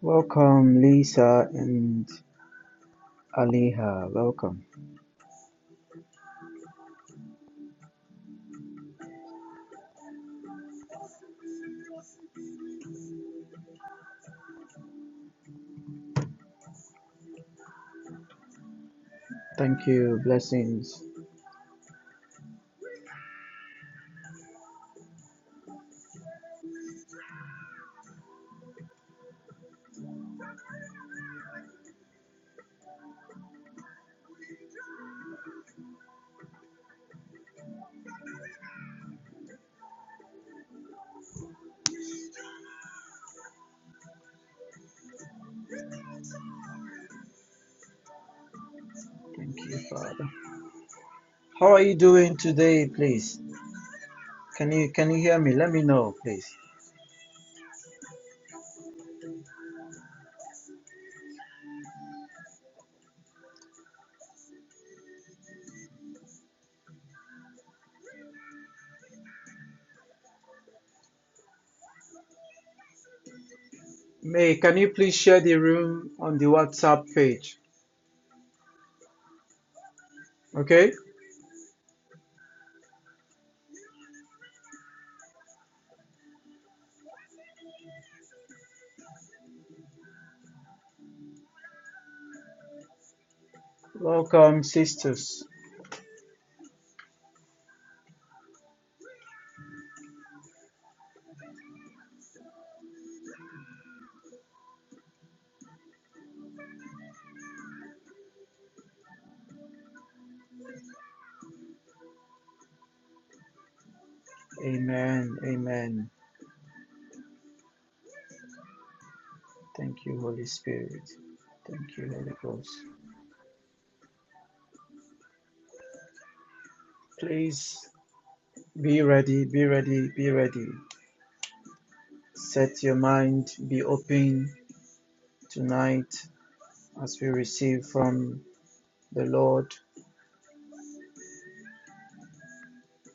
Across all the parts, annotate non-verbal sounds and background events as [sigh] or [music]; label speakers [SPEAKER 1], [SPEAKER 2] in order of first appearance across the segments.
[SPEAKER 1] Welcome, Lisa and Aliha. Welcome. Thank you. Blessings. Thank you, Father. How are you doing today, please? Can you can you hear me? Let me know, please. May can you please share the room on the WhatsApp page? Okay? Welcome, sisters. Amen. Amen. Thank you, Holy Spirit. Thank you, Holy Ghost. Please be ready, be ready, be ready. Set your mind, be open tonight. As we receive from the Lord,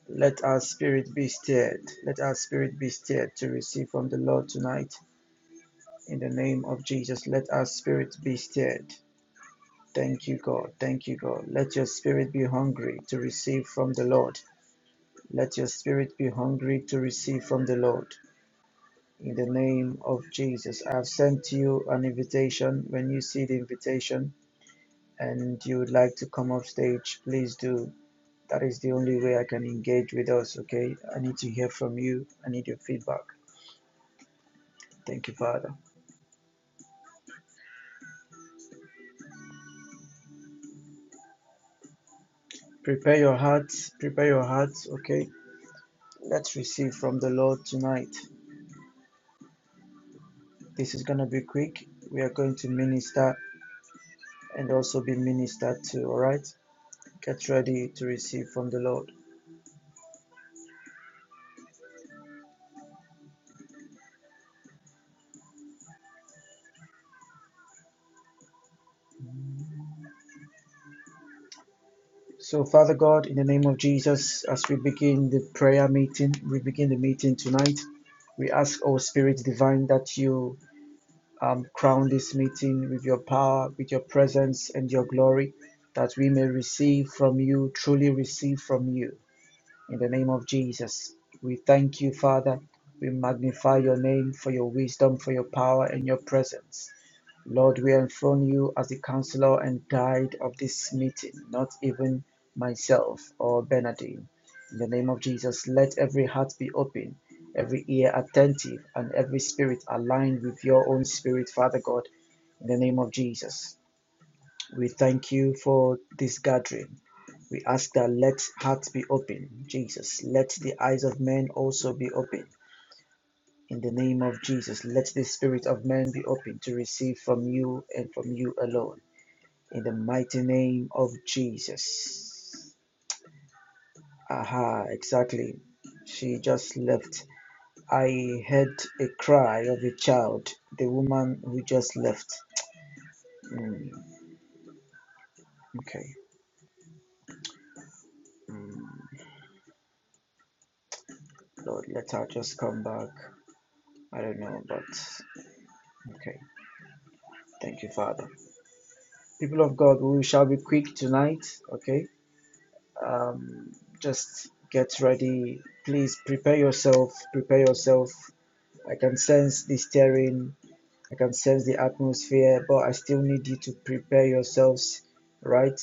[SPEAKER 1] let our spirit be stirred. Let our spirit be stirred to receive from the Lord tonight. In the name of Jesus, let our spirit be stirred. Thank you, God. Thank you, God. Let your spirit be hungry to receive from the Lord. Let your spirit be hungry to receive from the Lord. In the name of Jesus, I have sent you an invitation. When you see the invitation and you would like to come off stage, please do That is the only way I can engage with us, okay? I need to hear from you. I need your feedback. Thank you, Father. Prepare your hearts. Prepare your hearts, okay? Let's receive from the Lord tonight. This is going to be quick. We are going to minister and also be ministered to, all right? Get ready to receive from the Lord. So, Father God, in the name of Jesus, as we begin the prayer meeting, we begin the meeting tonight. We ask, O Spirit Divine, that you Um, crown this meeting with your power, with your presence, and your glory, that we may receive from you, truly receive from you. In the name of Jesus, we thank you, Father. We magnify your name for your wisdom, for your power, and your presence. Lord, we enthrone you as the counselor and guide of this meeting, not even myself or Bernardine. In the name of Jesus, let every heart be open, every ear attentive, and every spirit aligned with your own spirit, Father God. In the name of Jesus, we thank you for this gathering. We ask that let hearts be open, Jesus. Let the eyes of men also be open in the name of Jesus, let the spirit of man be open to receive from you and from you alone. In the mighty name of Jesus. Aha, exactly. She just left. I heard a cry of a child, the woman who just left. Mm, okay. Mm, Lord, let her just come back. I don't know, but okay. Thank you, Father. People of God, we shall be quick tonight, okay? um, just get ready please prepare yourself prepare yourself i can sense the stirring i can sense the atmosphere but i still need you to prepare yourselves right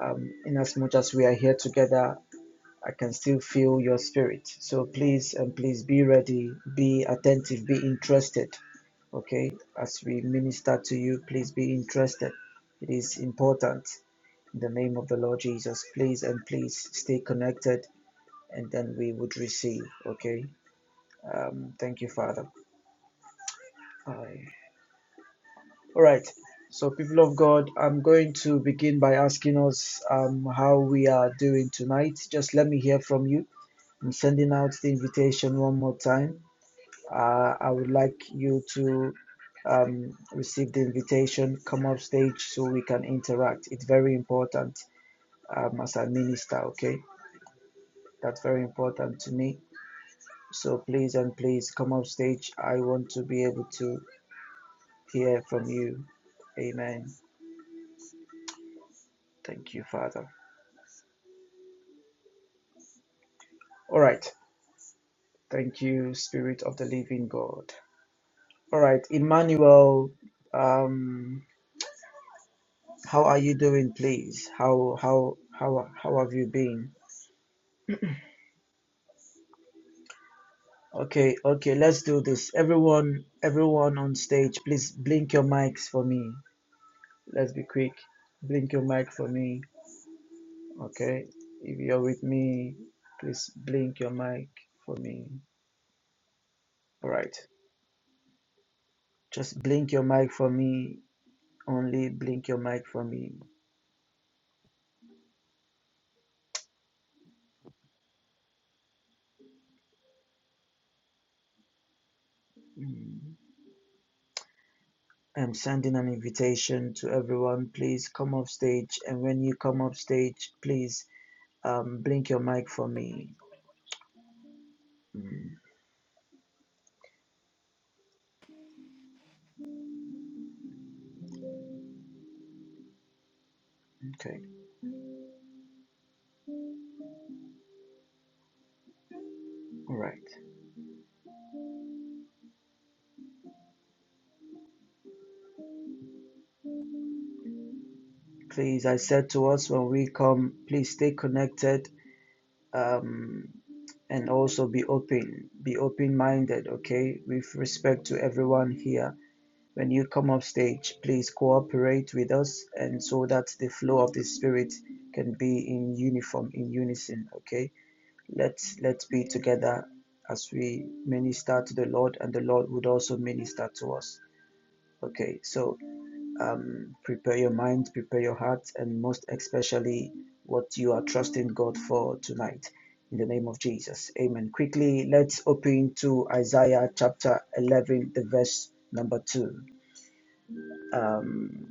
[SPEAKER 1] um, in as much as we are here together i can still feel your spirit so please and please be ready be attentive be interested okay as we minister to you please be interested it is important in the name of the lord jesus please and please stay connected and then we would receive. Okay. Um, thank you, Father. Aye. All right. So, people of God, I'm going to begin by asking us um, how we are doing tonight. Just let me hear from you. I'm sending out the invitation one more time. Uh, I would like you to um, receive the invitation, come up stage so we can interact. It's very important um, as a minister, okay? That's very important to me So please and please come up stage. I want to be able to hear from you. Amen. Thank you, Father. All right. Thank you, Spirit of the Living God. All right, Emmanuel. Um, how are you doing, please? How how how how have you been? Okay, okay. Let's do this. Everyone, everyone on stage, please blink your mics for me. Let's be quick. Blink your mic for me. Okay, if you're with me, please blink your mic for me. All right, just blink your mic for me. Only blink your mic for me. Mm. I'm sending an invitation to everyone. Please come off stage, and when you come off stage, please um, blink your mic for me. Mm. Okay, all right. Please, I said to us when we come, please stay connected um, and also be open, be open-minded, okay, with respect to everyone here. When you come up stage, please cooperate with us, and so that the flow of the spirit can be in uniform, in unison, okay. Let's let's be together as we minister to the Lord, and the Lord would also minister to us. Okay, so um, prepare your mind, prepare your heart, and most especially what you are trusting God for tonight. In the name of Jesus. Amen. Quickly, let's open to Isaiah chapter 11, the verse number 2. Um,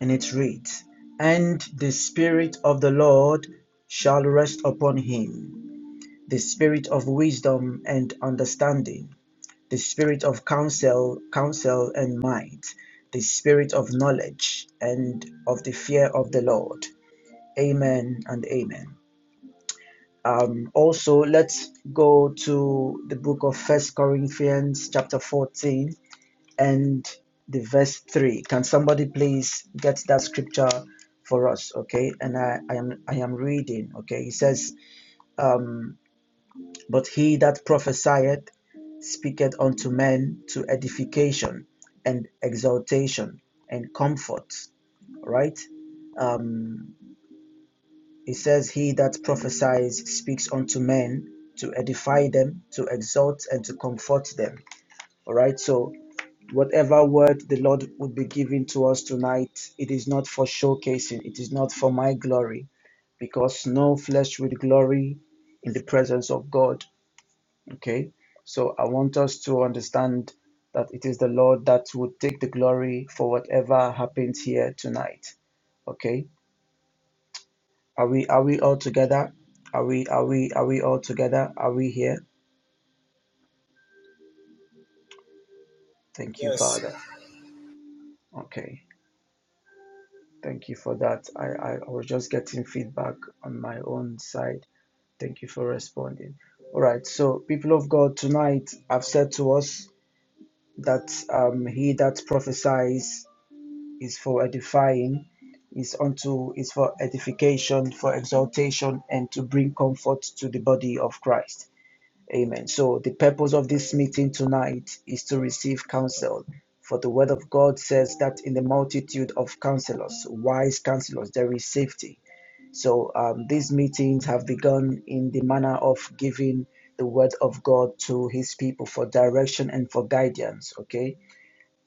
[SPEAKER 1] and it reads And the Spirit of the Lord shall rest upon him, the Spirit of wisdom and understanding the spirit of counsel, counsel and might, the spirit of knowledge and of the fear of the Lord. Amen and amen. Um, also, let's go to the book of First Corinthians, chapter 14, and the verse 3. Can somebody please get that scripture for us? Okay, and I, I am I am reading. Okay, it says, um, but he that prophesieth speaketh unto men to edification and exaltation and comfort, right? Um, it says, He that prophesies speaks unto men to edify them, to exalt, and to comfort them. All right, so whatever word the Lord would be giving to us tonight, it is not for showcasing, it is not for my glory, because no flesh will glory in the presence of God Okay, so I want us to understand that it is the Lord that will take the glory for whatever happens here tonight. Okay, are we are we all together? Are we are we are we all together? Are we here? Thank you,
[SPEAKER 2] Yes.
[SPEAKER 1] Father. Okay, thank you for that. I I, I was just getting feedback on my own side. Thank you for responding. All right, so people of God, tonight I've said to us that um, he that prophesies is for edifying, is unto is for edification, for exaltation, and to bring comfort to the body of Christ. Amen. So the purpose of this meeting tonight is to receive counsel. For the word of God says that in the multitude of counselors, wise counselors, there is safety. So um, these meetings have begun in the manner of giving the word of God to his people for direction and for guidance. Okay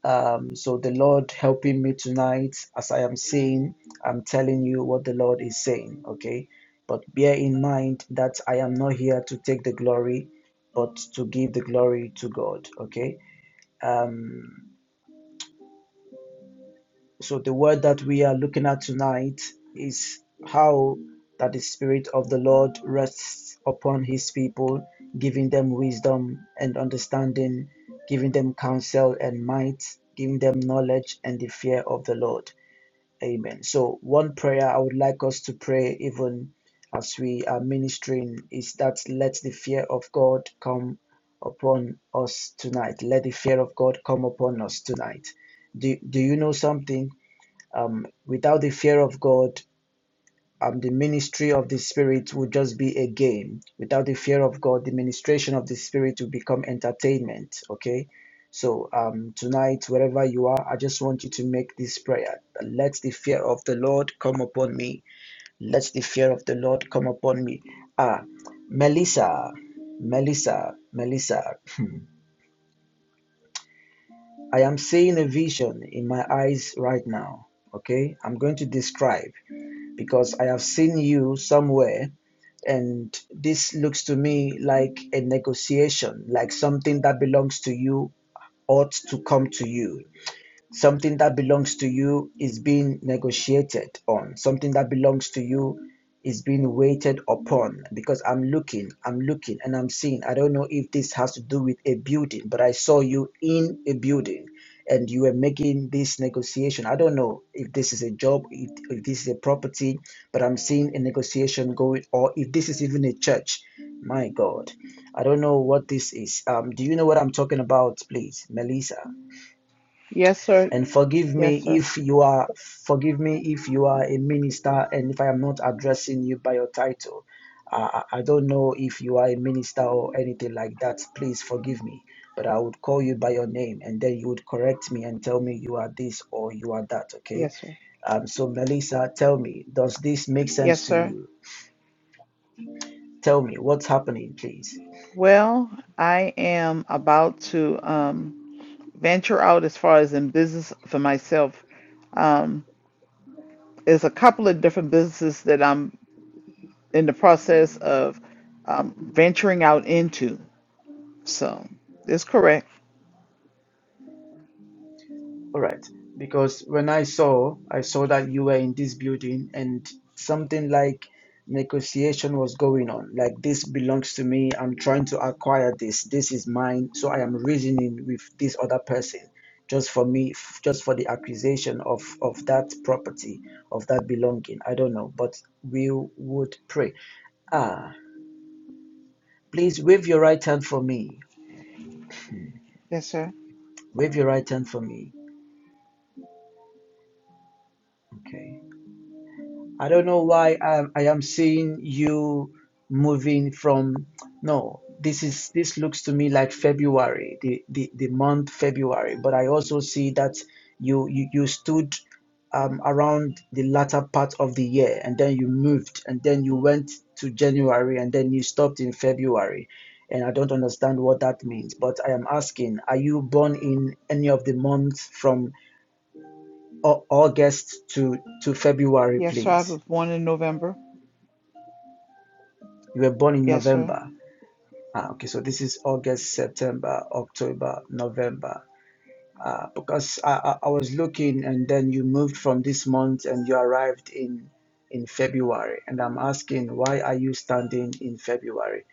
[SPEAKER 1] um, so the Lord helping me tonight, as I am saying, I'm telling you what the Lord is saying, okay? But bear in mind that I am not here to take the glory, but to give the glory to God, okay? Um, so the word that we are looking at tonight is how that the Spirit of the Lord rests upon His people, giving them wisdom and understanding, giving them counsel and might, giving them knowledge and the fear of the Lord. Amen. So, one prayer I would like us to pray, even as we are ministering, is that let the fear of God come upon us tonight. Let the fear of God come upon us tonight. Do, do you know something? Um, without the fear of God, um, the ministry of the Spirit would just be a game. Without the fear of God, the ministration of the Spirit will become entertainment. Okay. So um, tonight, wherever you are, I just want you to make this prayer. Let the fear of the Lord come upon me. Let the fear of the Lord come upon me. Ah, Melissa, Melissa, Melissa, I am seeing a vision in my eyes right now. Okay. I'm going to describe. because I have seen you somewhere, and this looks to me like a negotiation, like something that belongs to you ought to come to you. Something that belongs to you is being negotiated on. Something that belongs to you is being waited upon because I'm looking, I'm looking, and I'm seeing. I don't know if this has to do with a building, but I saw you in a building and you were making this negotiation. I don't know if this is a job, if, if this is a property, but I'm seeing a negotiation going, or if this is even a church. My God, I don't know what this is. Um, do you know what I'm talking about, please, Melissa?
[SPEAKER 3] Yes, sir.
[SPEAKER 1] and forgive
[SPEAKER 3] Yes,
[SPEAKER 1] me
[SPEAKER 3] sir.
[SPEAKER 1] if you are forgive me if you are a minister and if i am not addressing you by your title i, I I don't know if you are a minister or anything like that please forgive me but i would call you by your name and then you would correct me and tell me you are this or you are that okay
[SPEAKER 3] Yes, sir.
[SPEAKER 1] um so melissa tell me does this make
[SPEAKER 3] Yes,
[SPEAKER 1] sense to
[SPEAKER 3] sir.
[SPEAKER 1] you tell me what's happening please
[SPEAKER 3] Well, I am about to um, venture out as far as in business for myself. Um, there's a couple of different businesses that I'm in the process of um, venturing out into. So, that's correct.
[SPEAKER 1] All right. Because when I saw, I saw that you were in this building and something like negotiation was going on. Like, this belongs to me. I'm trying to acquire this. This is mine. So I am reasoning with this other person just for me, f- just for the acquisition of, of that property, of that belonging. I don't know, but we would pray. Ah, please wave your right hand for me.
[SPEAKER 3] Yes, sir.
[SPEAKER 1] Wave your right hand for me. Okay. I don't know why I, I am seeing you moving from no this is this looks to me like February the the, the month February but I also see that you you, you stood um, around the latter part of the year and then you moved and then you went to January and then you stopped in February and I don't understand what that means but I am asking are you born in any of the months from uh, August to to February
[SPEAKER 3] Yes, sir. I
[SPEAKER 1] please
[SPEAKER 3] was born in November.
[SPEAKER 1] You were born in
[SPEAKER 3] Yes, sir.
[SPEAKER 1] November. Ah, okay, so this is August, September, October, November. Uh, because I, I, I was looking, and then you moved from this month, and you arrived in in February. And I'm asking, why are you standing in February?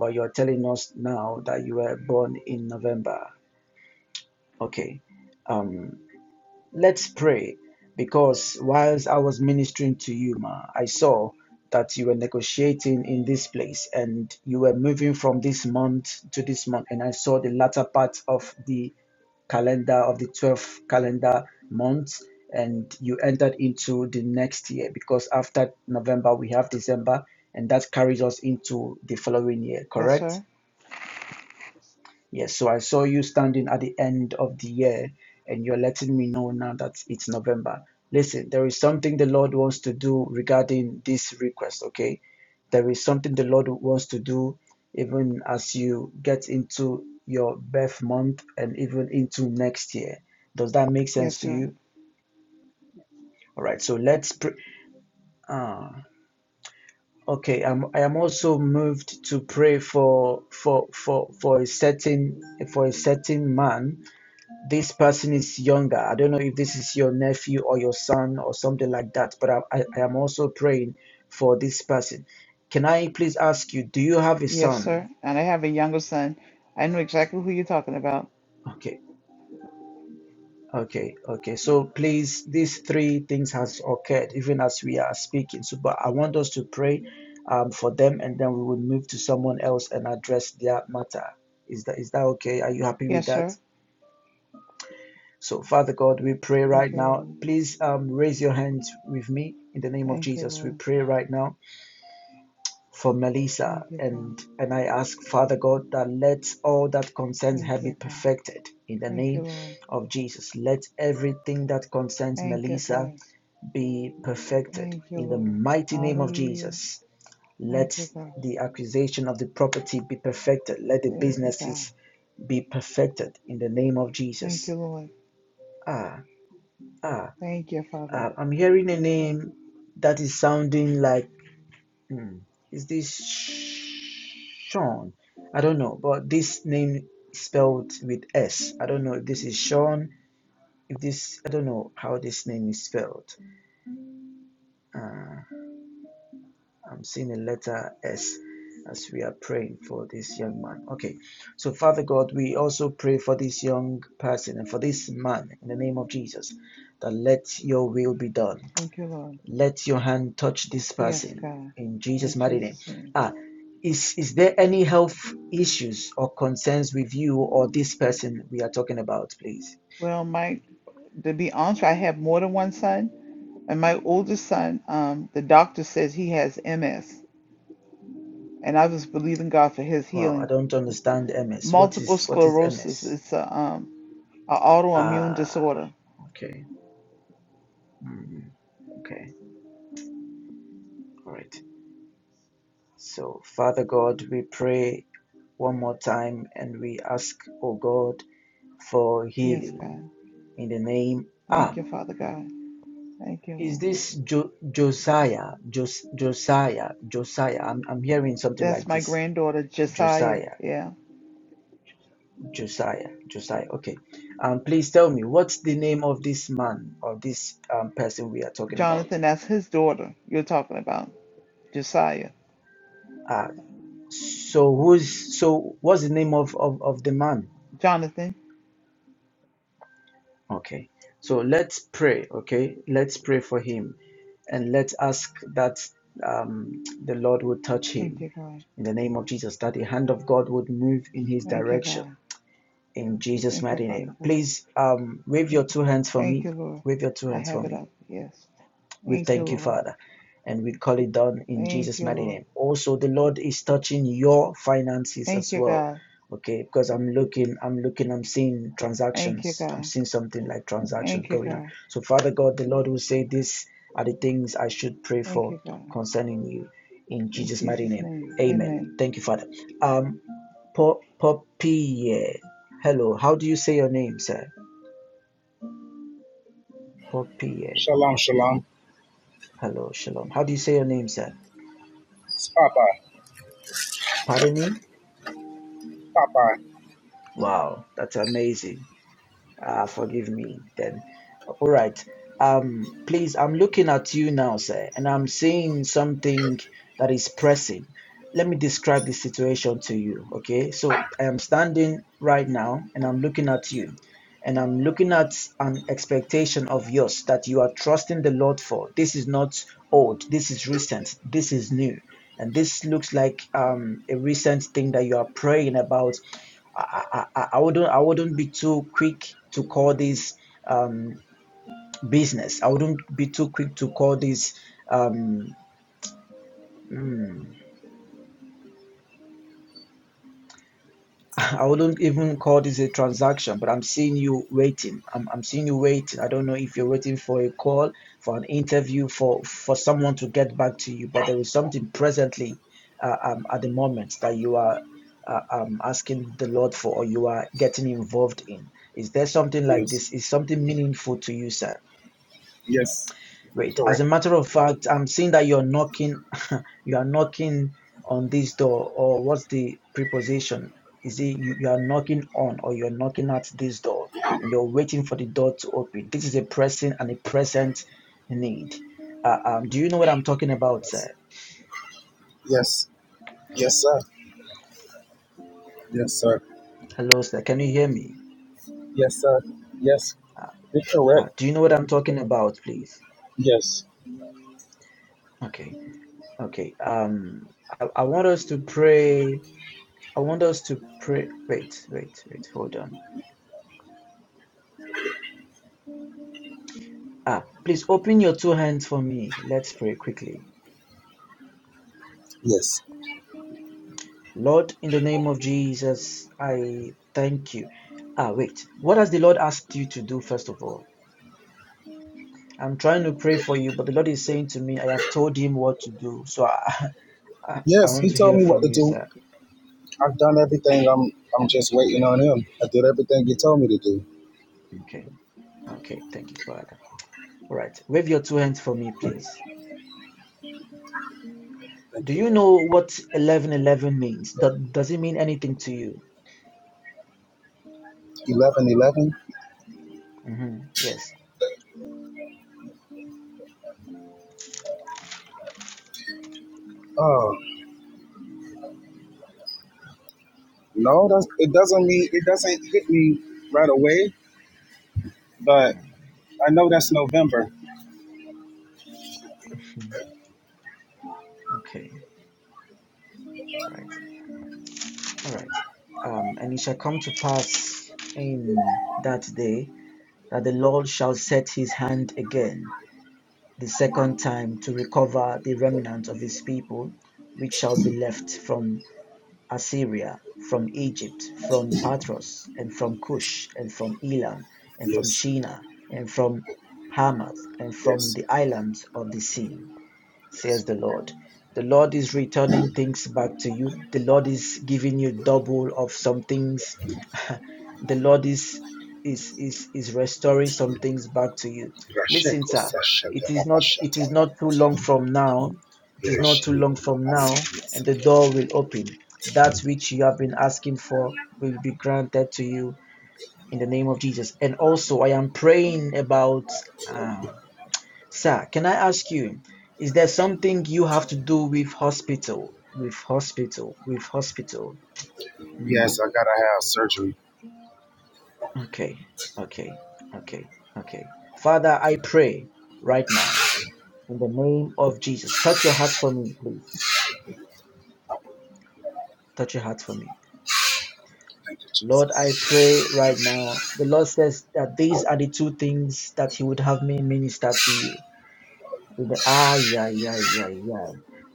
[SPEAKER 1] But you're telling us now that you were born in November. Okay. um, Let's pray. Because whilst I was ministering to you, Ma, I saw that you were negotiating in this place and you were moving from this month to this month. And I saw the latter part of the calendar of the 12th calendar month and you entered into the next year because after November we have December and that carries us into the following year,
[SPEAKER 3] Yes,
[SPEAKER 1] correct?
[SPEAKER 3] sir.
[SPEAKER 1] Yes, so I saw you standing at the end of the year and you're letting me know now that it's November. Listen, there is something the Lord wants to do regarding this request, okay? There is something the Lord wants to do even as you get into your birth month and even into next year. Does that make
[SPEAKER 3] Yes,
[SPEAKER 1] sense to
[SPEAKER 3] sir.
[SPEAKER 1] you? All right, so let's pray. Ah, okay, I'm, I am also moved to pray for for for for a certain for a certain man this person is younger. I don't know if this is your nephew or your son or something like that, but I, I, I am also praying for this person. Can I please ask you, do you have a
[SPEAKER 3] Yes,
[SPEAKER 1] son?
[SPEAKER 3] sir. And I have a younger son. I know exactly who you're talking about.
[SPEAKER 1] Okay, okay, okay. So please, these three things has occurred even as we are speaking. So, but I want us to pray um, for them, and then we will move to someone else and address their matter. Is that is that okay? Are you happy with
[SPEAKER 3] Yes,
[SPEAKER 1] that?
[SPEAKER 3] sir.
[SPEAKER 1] So, Father God, we pray
[SPEAKER 3] Thank
[SPEAKER 1] right
[SPEAKER 3] you,
[SPEAKER 1] now.
[SPEAKER 3] Lord.
[SPEAKER 1] Please um, raise your hands with me in the name of
[SPEAKER 3] Thank you,
[SPEAKER 1] Jesus. We
[SPEAKER 3] Lord.
[SPEAKER 1] pray right now for Melissa,
[SPEAKER 3] Thank you, God.
[SPEAKER 1] and and I ask Father God that let all that concerns
[SPEAKER 3] Thank
[SPEAKER 1] her be
[SPEAKER 3] you, God.
[SPEAKER 1] perfected in the
[SPEAKER 3] Thank you,
[SPEAKER 1] name
[SPEAKER 3] Lord.
[SPEAKER 1] of Jesus. Let everything that concerns
[SPEAKER 3] Thank you,
[SPEAKER 1] Melissa
[SPEAKER 3] God.
[SPEAKER 1] be perfected
[SPEAKER 3] Thank you,
[SPEAKER 1] in the
[SPEAKER 3] Lord.
[SPEAKER 1] mighty name of
[SPEAKER 3] Hallelujah.
[SPEAKER 1] Jesus. Let
[SPEAKER 3] Thank you, God.
[SPEAKER 1] the acquisition of the property be perfected. Let the
[SPEAKER 3] Thank you, God.
[SPEAKER 1] businesses be perfected in the name of
[SPEAKER 3] Thank
[SPEAKER 1] Jesus.
[SPEAKER 3] you, Lord.
[SPEAKER 1] Ah, ah.
[SPEAKER 3] Thank you, Father.
[SPEAKER 1] Uh, I'm hearing a name that is sounding like, hmm, is this Sean? I don't know, but this name is spelled with S. I don't know if this is Sean. If this, I don't know how this name is spelled. Uh, I'm seeing a letter S as we are praying for this young man. Okay, so Father God, we also pray for this young person and for this man in the name of Jesus that let your will be done
[SPEAKER 3] Thank you, Lord.
[SPEAKER 1] Let your hand touch this
[SPEAKER 3] Yes,
[SPEAKER 1] person
[SPEAKER 3] God.
[SPEAKER 1] in
[SPEAKER 3] In
[SPEAKER 1] Jesus' mighty name.
[SPEAKER 3] Jesus' name.
[SPEAKER 1] Ah, is is there any health issues or concerns with you or this person we are talking about, please?
[SPEAKER 3] Well, my to be honest, I have more than one son, and my oldest son, um, the doctor says he has MS, and I was believing God for his
[SPEAKER 1] Wow, I
[SPEAKER 3] healing.
[SPEAKER 1] don't understand MS. What
[SPEAKER 3] Multiple
[SPEAKER 1] is what is
[SPEAKER 3] sclerosis
[SPEAKER 1] MS?
[SPEAKER 3] It's a, um, a autoimmune
[SPEAKER 1] Ah,
[SPEAKER 3] disorder.
[SPEAKER 1] okay, Mm, okay, all right. So, Father God, we pray one more time and we ask, oh God, for
[SPEAKER 3] Yes, God.
[SPEAKER 1] healing in the name. Ah.
[SPEAKER 3] Thank you, Father God. Thank you,
[SPEAKER 1] Is
[SPEAKER 3] Lord.
[SPEAKER 1] this jo- Josiah? Jos- Josiah? Josiah? I'm, I'm hearing something
[SPEAKER 3] That's
[SPEAKER 1] like
[SPEAKER 3] my
[SPEAKER 1] this.
[SPEAKER 3] granddaughter, Josiah.
[SPEAKER 1] Josiah,
[SPEAKER 3] Yeah.
[SPEAKER 1] Josiah, Josiah. Okay. Um, please tell me what's the name of this man or this um, person we are talking about?
[SPEAKER 3] Jonathan, that's his daughter you're talking about, Josiah.
[SPEAKER 1] Uh, so who's so what's the name of, of, of the man?
[SPEAKER 3] Jonathan,
[SPEAKER 1] Okay. So let's pray, okay? Let's pray for him and let's ask that um, the Lord would touch
[SPEAKER 3] thank
[SPEAKER 1] him
[SPEAKER 3] you, God.
[SPEAKER 1] in the name of Jesus, that the hand of God would move in his
[SPEAKER 3] Thank you,
[SPEAKER 1] direction
[SPEAKER 3] God.
[SPEAKER 1] in Jesus'
[SPEAKER 3] Thank you,
[SPEAKER 1] mighty
[SPEAKER 3] Father
[SPEAKER 1] name.
[SPEAKER 3] God.
[SPEAKER 1] Please um, wave your two hands for
[SPEAKER 3] Thank
[SPEAKER 1] me.
[SPEAKER 3] you, Lord.
[SPEAKER 1] Wave your two
[SPEAKER 3] I
[SPEAKER 1] hands for
[SPEAKER 3] have it
[SPEAKER 1] me.
[SPEAKER 3] up. Yes.
[SPEAKER 1] We
[SPEAKER 3] Thank you,
[SPEAKER 1] thank you,
[SPEAKER 3] Lord.
[SPEAKER 1] Father. And we call it done in
[SPEAKER 3] Thank
[SPEAKER 1] Jesus'
[SPEAKER 3] you,
[SPEAKER 1] mighty
[SPEAKER 3] Lord.
[SPEAKER 1] name. Also, the Lord is touching your finances
[SPEAKER 3] Thank
[SPEAKER 1] as
[SPEAKER 3] you,
[SPEAKER 1] well.
[SPEAKER 3] God.
[SPEAKER 1] Okay, because I'm looking, I'm looking, I'm seeing
[SPEAKER 3] Thank you,
[SPEAKER 1] transactions. I'm
[SPEAKER 3] God.
[SPEAKER 1] seeing something like transactions
[SPEAKER 3] Thank you,
[SPEAKER 1] going on.
[SPEAKER 3] God.
[SPEAKER 1] So, Father God, the Lord will say, These are the things I should pray
[SPEAKER 3] Thank
[SPEAKER 1] for
[SPEAKER 3] you, God.
[SPEAKER 1] concerning you in
[SPEAKER 3] In
[SPEAKER 1] Jesus' mighty
[SPEAKER 3] Jesus'
[SPEAKER 1] name.
[SPEAKER 3] name, amen.
[SPEAKER 1] Amen. Thank you, Father. Um, Po- Popeye. Hello. How do you say your name, sir? Popeye.
[SPEAKER 2] Shalom, shalom.
[SPEAKER 1] Hello, Shalom. How do you say your name, sir?
[SPEAKER 2] It's Papa.
[SPEAKER 1] Pardon me?
[SPEAKER 2] Papa.
[SPEAKER 1] Wow, that's amazing. Ah, forgive me then. All right. Um, please, I'm looking at you now, sir, and I'm seeing something that is pressing. Let me describe the situation to you, okay? So I am standing right now and I'm looking at you, and I'm looking at an expectation of yours that you are trusting the Lord for. This is not old, this is recent, this is new. And this looks like um, a recent thing that you are praying about. I, I, I I wouldn't I wouldn't be too quick to call this. Um, business. I wouldn't be too quick to call this um mm, [laughs] I wouldn't even call this a transaction, but I'm seeing you waiting. I'm I'm seeing you waiting. I don't know if you're waiting for a call, for an interview, for for someone to get back to you, but there is something presently uh, um, at the moment that you are uh, um, asking the Lord for or you are getting involved in. Is there something like
[SPEAKER 2] Yes.
[SPEAKER 1] this? Is something meaningful to you, sir?
[SPEAKER 2] Yes.
[SPEAKER 1] Great. As
[SPEAKER 2] Correct.
[SPEAKER 1] a matter of fact, I'm seeing that you're knocking, [laughs] you are knocking on this door, or what's the preposition? Is it you, you are knocking on or you're knocking at this door and you're waiting for the door to open? This is a pressing and a present need. Uh, um, do you know what I'm talking about,
[SPEAKER 2] Yes.
[SPEAKER 1] sir?
[SPEAKER 2] Yes. Yes, sir. Yes, sir.
[SPEAKER 1] Hello, sir. Can you hear me?
[SPEAKER 2] Yes, sir. Yes. You're
[SPEAKER 1] Uh,
[SPEAKER 2] correct.
[SPEAKER 1] do you know what I'm talking about, please?
[SPEAKER 2] Yes.
[SPEAKER 1] Okay, okay. Um, I, I want us to pray. I want us to pray. Wait, wait, wait. Hold on. Ah, please open your two hands for me. Let's pray quickly.
[SPEAKER 2] Yes.
[SPEAKER 1] Lord, in the name of Jesus, I thank you. Ah, wait. What has the Lord asked you to do, first of all? I'm trying to pray for you, but the Lord is saying to me, I have told him what to do. So [laughs] I, I, I
[SPEAKER 2] Yes.
[SPEAKER 1] want
[SPEAKER 2] He
[SPEAKER 1] to
[SPEAKER 2] told
[SPEAKER 1] hear
[SPEAKER 2] me what
[SPEAKER 1] from
[SPEAKER 2] to
[SPEAKER 1] you,
[SPEAKER 2] do.
[SPEAKER 1] sir.
[SPEAKER 2] I've done everything. I'm I'm just waiting on
[SPEAKER 1] Mm,
[SPEAKER 2] him. I did everything he told me to do.
[SPEAKER 1] okay. Okay. Thank you, Father. All right. Wave your two hands for me, please.
[SPEAKER 2] Thank
[SPEAKER 1] Do
[SPEAKER 2] you,
[SPEAKER 1] you
[SPEAKER 2] Lord.
[SPEAKER 1] know what 1111 means? Do- Does it mean anything to you?
[SPEAKER 2] Eleven eleven.
[SPEAKER 1] hmm Yes.
[SPEAKER 2] Oh no, that's it doesn't mean it doesn't hit me right away, but
[SPEAKER 1] Mm,
[SPEAKER 2] I know that's November.
[SPEAKER 1] Okay. Right. All right. Um, and it shall come to pass in that day that the Lord shall set his hand again the second time to recover the remnant of his people, which shall be left from Assyria, from Egypt, from Patros, and from
[SPEAKER 2] Yes.
[SPEAKER 1] Cush, and from Elam, and from
[SPEAKER 2] Yes.
[SPEAKER 1] Shinar, and from Hamath, and from
[SPEAKER 2] Yes.
[SPEAKER 1] the islands of the sea
[SPEAKER 2] Yes.
[SPEAKER 1] says the Lord. The Lord is returning things back to you. The Lord is giving you double of some things. [laughs] the Lord is is is is restoring some things back to you. Listen,
[SPEAKER 2] Rasheko
[SPEAKER 1] sir,
[SPEAKER 2] Sashende
[SPEAKER 1] it is not it
[SPEAKER 2] Rabashata.
[SPEAKER 1] is not too long from now. It is not too
[SPEAKER 2] Ireshini
[SPEAKER 1] long from now,
[SPEAKER 2] Kunabasidia
[SPEAKER 1] and the
[SPEAKER 2] Sito.
[SPEAKER 1] door will open. That which you have been asking for will be granted to you in the name of Jesus. And also, I am praying about. uh, Sir, can I ask you, is there something you have to do with hospital? With hospital, with hospital. Mm,
[SPEAKER 2] Yes, I gotta have surgery.
[SPEAKER 1] okay, okay, okay, okay. Father, I pray right now in the name of Jesus. Touch your heart for me, please. Touch your heart for me. Lord, I pray right now. The Lord says that these are the two things that He would have me minister to you. With- Ah, yeah, yeah, yeah, yeah.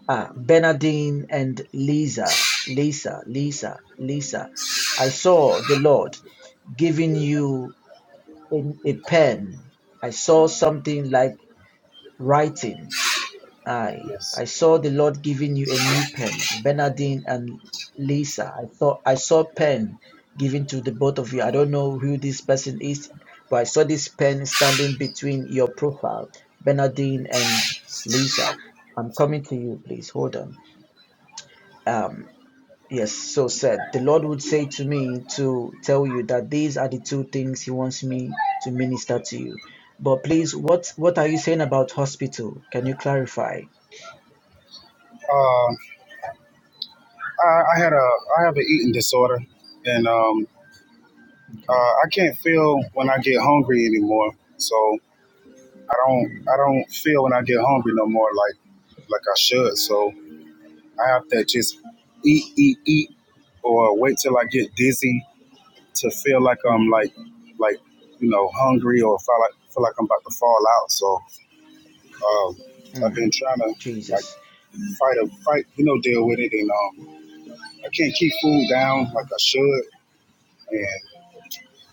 [SPEAKER 1] Ah, Bernardine and Lisa, Lisa, Lisa, Lisa. I saw the Lord giving you a, a pen. I saw something like writing. I
[SPEAKER 2] Yes.
[SPEAKER 1] I saw the Lord giving you a new pen, Bernardine and Lisa. I thought I saw pen given to the both of you. I don't know who this person is, but I saw this pen standing between your profile, Bernardine and Lisa. I'm coming to you, please. Hold on. Um, yes, so said the Lord would say to me to tell you that these are the two things He wants me to minister to you. But please, what what are you saying about hospital? Can you clarify?
[SPEAKER 2] Uh, I, I had a I have an eating disorder and um
[SPEAKER 1] Okay.
[SPEAKER 2] uh, I can't feel when I get hungry anymore. So I don't
[SPEAKER 1] Hmm.
[SPEAKER 2] I don't feel when I get hungry no more like like I should. So I have to just eat, eat, eat or wait till I get dizzy to feel like I'm
[SPEAKER 1] Mm,
[SPEAKER 2] like like, you know, hungry or feel like feel like I'm about to fall out. So Um, I've been
[SPEAKER 1] mm,
[SPEAKER 2] trying to like
[SPEAKER 1] Jesus.
[SPEAKER 2] fight a fight, you know, deal with it, and um, I can't keep food down like
[SPEAKER 1] Mm.
[SPEAKER 2] I should, and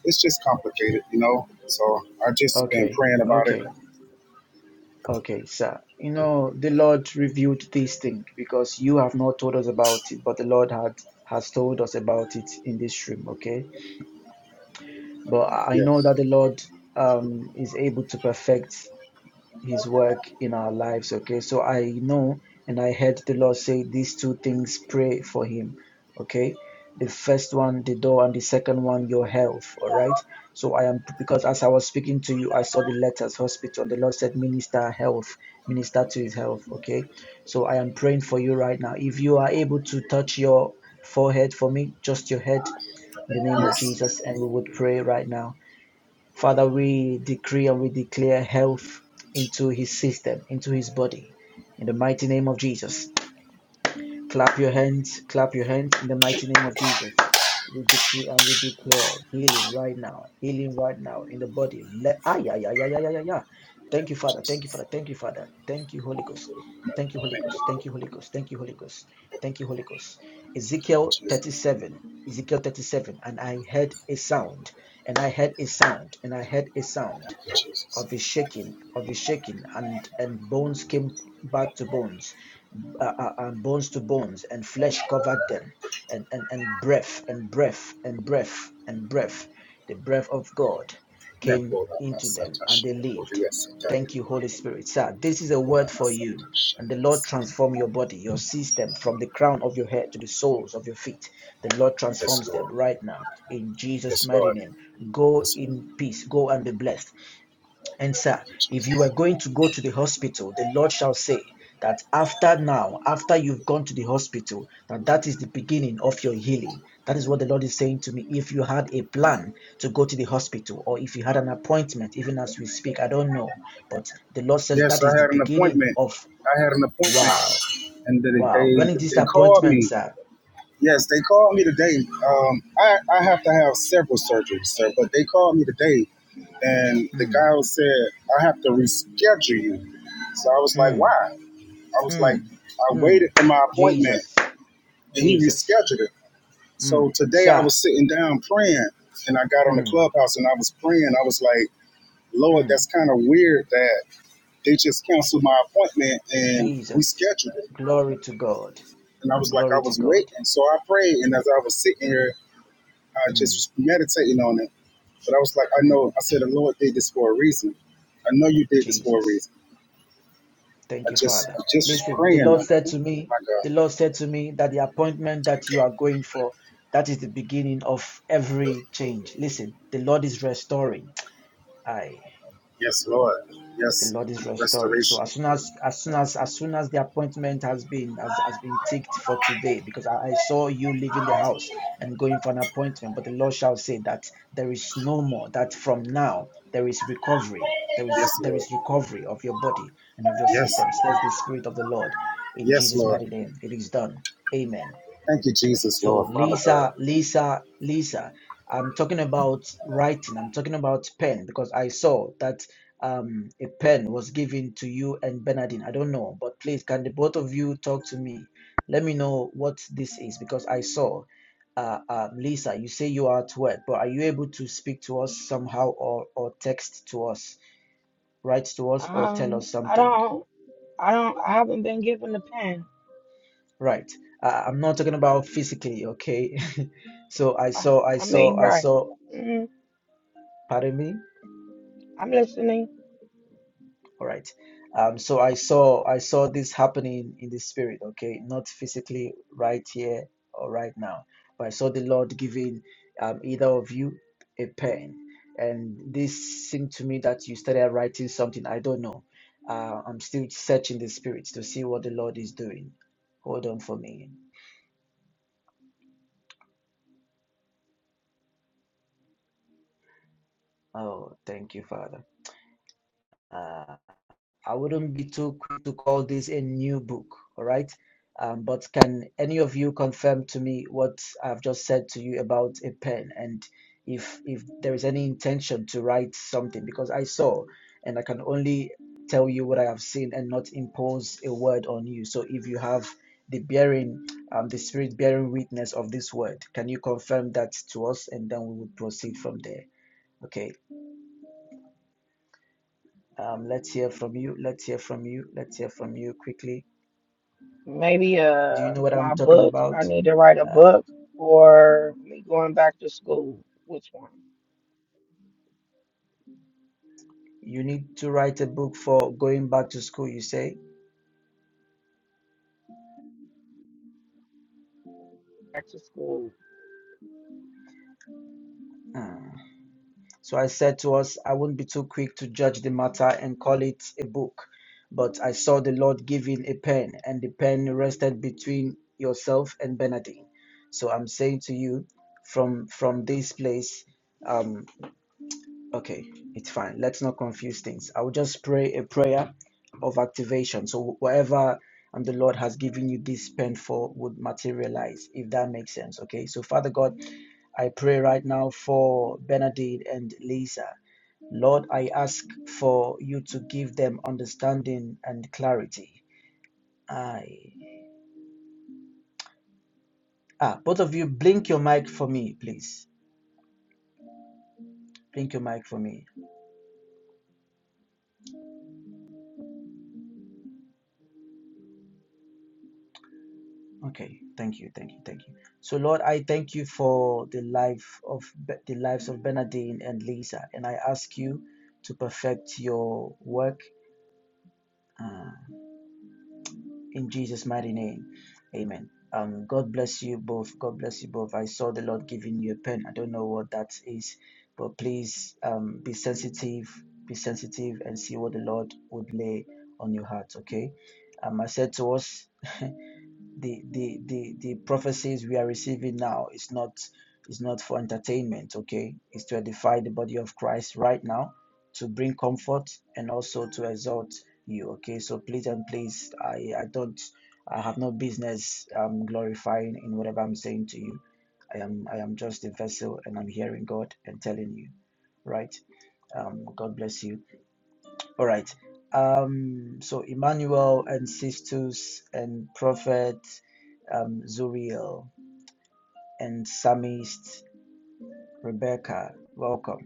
[SPEAKER 2] it's just complicated, you know. So I just been
[SPEAKER 1] Okay,
[SPEAKER 2] praying about it.
[SPEAKER 1] okay, okay, sir. You know, the Lord revealed this thing because you have not told us about it, but the Lord had has told us about it in this room, okay? But I know
[SPEAKER 2] Yes,
[SPEAKER 1] that the Lord um is able to perfect. his work in our lives. Okay. So I know and I heard the Lord say these two things pray for him. Okay. The first one, the door, and the second one, your health. All right. So I am, because as I was speaking to you, I saw the letters hospital. The Lord said, minister health, minister to his health. Okay. So I am praying for you right now. If you are able to touch your forehead for me, just your head in the name of
[SPEAKER 2] yes,
[SPEAKER 1] Jesus, and we would pray right now Father, we decree and we declare health into his system, into his body. In the mighty name of Jesus. Clap your hands, clap your hands in the mighty name of Jesus. We decree and we declare healing right now, healing right now in the body. Let ah yeah yeah yeah yeah yeah yeah. yeah. Thank you, Father. Thank you, Father. Thank you, Father. Thank you, Holy Ghost. Thank you, Holy Ghost. Thank you, Holy Ghost. Thank you, Holy Ghost. Thank you, Holy Ghost. Ezekiel
[SPEAKER 2] Jesus,
[SPEAKER 1] 37. Ezekiel 37. And I heard a sound. And I heard a sound. And I heard a sound
[SPEAKER 2] Jesus.
[SPEAKER 1] of a shaking, of a shaking, and and bones came back to bones uh, uh, and bones to bones, and flesh covered them, and, and, and breath, and breath, and breath, and breath. The breath of God
[SPEAKER 2] Never
[SPEAKER 1] came
[SPEAKER 2] let my
[SPEAKER 1] into
[SPEAKER 2] Satan
[SPEAKER 1] them, and
[SPEAKER 2] shine.
[SPEAKER 1] they lived.
[SPEAKER 2] Never let Satan.
[SPEAKER 1] Thank you, Holy Spirit. Sir, this is a
[SPEAKER 2] Never
[SPEAKER 1] word
[SPEAKER 2] let
[SPEAKER 1] for you. And the Lord transform your body, your system, from the crown of your head to the soles of your feet. The Lord
[SPEAKER 2] Yes,
[SPEAKER 1] transforms
[SPEAKER 2] Lord.
[SPEAKER 1] them right now. In Jesus'
[SPEAKER 2] Yes,
[SPEAKER 1] mighty
[SPEAKER 2] Lord.
[SPEAKER 1] name. Go
[SPEAKER 2] Yes, Lord.
[SPEAKER 1] in peace. Go and be blessed. And sir, if you were going to go to the hospital, the Lord shall say that after now, after you've gone to the hospital, that that is the beginning of your healing. That is what the Lord is saying to me. If you had a plan to go to the hospital, or if you had an appointment, even as we speak, I don't know, but the Lord says
[SPEAKER 2] Yes,
[SPEAKER 1] that is
[SPEAKER 2] I
[SPEAKER 1] the
[SPEAKER 2] had an
[SPEAKER 1] beginning
[SPEAKER 2] appointment.
[SPEAKER 1] of
[SPEAKER 2] I had an appointment,
[SPEAKER 1] wow,
[SPEAKER 2] and they
[SPEAKER 1] wow.
[SPEAKER 2] they,
[SPEAKER 1] When is this
[SPEAKER 2] they called
[SPEAKER 1] appointment,
[SPEAKER 2] me
[SPEAKER 1] sir?
[SPEAKER 2] Yes, they called me today. Um, I, I have to have several surgeries, sir, but they called me today, and the
[SPEAKER 1] Mm,
[SPEAKER 2] guy said, I have to reschedule you. So I was like,
[SPEAKER 1] mm,
[SPEAKER 2] why? I was like,
[SPEAKER 1] mm,
[SPEAKER 2] I waited
[SPEAKER 1] mm.
[SPEAKER 2] for my appointment,
[SPEAKER 1] Jesus,
[SPEAKER 2] and he
[SPEAKER 1] Jesus,
[SPEAKER 2] rescheduled it. So
[SPEAKER 1] mm,
[SPEAKER 2] today I
[SPEAKER 1] sir,
[SPEAKER 2] was sitting down praying, and I got on the
[SPEAKER 1] mm,
[SPEAKER 2] clubhouse and I was praying. I was like, Lord,
[SPEAKER 1] mm.
[SPEAKER 2] that's kind of weird that they just canceled my appointment and
[SPEAKER 1] Jesus.
[SPEAKER 2] rescheduled it.
[SPEAKER 1] Glory to God.
[SPEAKER 2] And I was like,
[SPEAKER 1] Glory
[SPEAKER 2] I
[SPEAKER 1] to
[SPEAKER 2] was
[SPEAKER 1] God.
[SPEAKER 2] waiting. So I prayed, and as I was sitting here, I just
[SPEAKER 1] Mm,
[SPEAKER 2] was meditating on it But I was like, I
[SPEAKER 1] mm,
[SPEAKER 2] know. I said, the Lord did this for a reason. I know you did this for a
[SPEAKER 1] Jesus.
[SPEAKER 2] reason. I
[SPEAKER 1] Thank you,
[SPEAKER 2] just,
[SPEAKER 1] Father.
[SPEAKER 2] I just was
[SPEAKER 1] Listen, the
[SPEAKER 2] praying on
[SPEAKER 1] Lord
[SPEAKER 2] it.
[SPEAKER 1] said to me,
[SPEAKER 2] My God,
[SPEAKER 1] the Lord said to me that the appointment that you are going for, that is the beginning of every change. Listen, the Lord is restoring. Aye.
[SPEAKER 2] yes, Lord,
[SPEAKER 1] the
[SPEAKER 2] yes,
[SPEAKER 1] Lord is restoring. So
[SPEAKER 2] restoration,
[SPEAKER 1] as soon as as soon as as soon as the appointment has been has, has been ticked for today, because I, I saw you leaving the house and going for an appointment, but the Lord shall say that there is no more, that from now there is recovery. There
[SPEAKER 2] yes,
[SPEAKER 1] is there
[SPEAKER 2] Lord,
[SPEAKER 1] is recovery of your body and of your
[SPEAKER 2] yes,
[SPEAKER 1] system, says the Spirit of the Lord. In
[SPEAKER 2] yes,
[SPEAKER 1] Jesus'
[SPEAKER 2] Lord.
[SPEAKER 1] mighty name, it is done. Amen.
[SPEAKER 2] Thank you, Jesus,
[SPEAKER 1] So
[SPEAKER 2] Lord, Father God.
[SPEAKER 1] Lisa, Lisa, Lisa. I'm talking about writing. I'm talking about pen because I saw that um, a pen was given to you and Bernardine. I don't know, but please, can the both of you talk to me? Let me know what this is because I saw. Uh, uh, Lisa, you say you are at work, but are you able to speak to us somehow or, or text to us, write to us, or tell
[SPEAKER 4] Um,
[SPEAKER 1] us
[SPEAKER 4] I
[SPEAKER 1] something?
[SPEAKER 4] don't, I don't, I haven't been given the pen.
[SPEAKER 1] Right. Uh, I'm not talking about physically, okay? [laughs] so I
[SPEAKER 4] I,
[SPEAKER 1] saw, I
[SPEAKER 4] I
[SPEAKER 1] saw,
[SPEAKER 4] mean,
[SPEAKER 1] I
[SPEAKER 4] right.
[SPEAKER 1] saw.
[SPEAKER 4] Mm,
[SPEAKER 1] Pardon me?
[SPEAKER 4] I'm listening.
[SPEAKER 1] All right. Um, so I saw I saw this happening in the spirit, okay? Not physically right here or right now, but I saw the Lord giving um, either of you a pen. And this seemed to me that you started writing something. I don't know. Uh, I'm still searching the spirits to see what the Lord is doing. Hold on for me. Oh, thank you, Father. Uh, I wouldn't be too quick to call this a new book, all right? Um, but can any of you confirm to me what I've just said to you about a pen and if if there is any intention to write something? Because I saw and I can only tell you what I have seen and not impose a word on you. So if you have the bearing, um, the spirit bearing witness of this word, can you confirm that to us and then we would proceed from there? Okay. Um, let's hear from you. Let's hear from you. Let's hear from you quickly.
[SPEAKER 4] Maybe
[SPEAKER 1] Do you
[SPEAKER 4] uh,
[SPEAKER 1] know what I'm
[SPEAKER 4] my
[SPEAKER 1] talking
[SPEAKER 4] book. I
[SPEAKER 1] about?
[SPEAKER 4] need to write a
[SPEAKER 1] Um,
[SPEAKER 4] book, or me going back to school. Which one?
[SPEAKER 1] you need to write a book for going back to school, you say?
[SPEAKER 4] Back to school.
[SPEAKER 1] Hmm. So I said to us, I won't be too quick to judge the matter and call it a book. But I saw the Lord giving a pen, and the pen rested between yourself and Bernardine. So I'm saying to you, from from this place, um, Okay, it's fine. Let's not confuse things. I will just pray a prayer of activation. So whatever and the Lord has given you this pen for would materialize, if that makes sense. Okay. So Father God, I pray right now for Benedict and Lisa. Lord, I ask for you to give them understanding and clarity. I ah, both of you blink your mic for me, please. Blink your mic for me. Okay, thank you, thank you, thank you. So, Lord, I thank you for the life of the lives of Bernadine and Lisa, and I ask you to perfect your work uh, in Jesus' mighty name. Amen. Um, God bless you both. God bless you both. I saw the Lord giving you a pen. I don't know what that is, but please um, be sensitive, be sensitive, and see what the Lord would lay on your heart. Okay. Um, I said to us. [laughs] the the the the prophecies we are receiving now is not is not for entertainment okay it's to edify the body of christ right now to bring comfort and also to exalt you okay so please and please i i don't i have no business um glorifying in whatever i'm saying to you i am i am just a vessel and i'm hearing god and telling you right um god bless you all right. Um, so Emmanuel and Sistus and Prophet um, Zuriel and Psalmist Rebecca, welcome.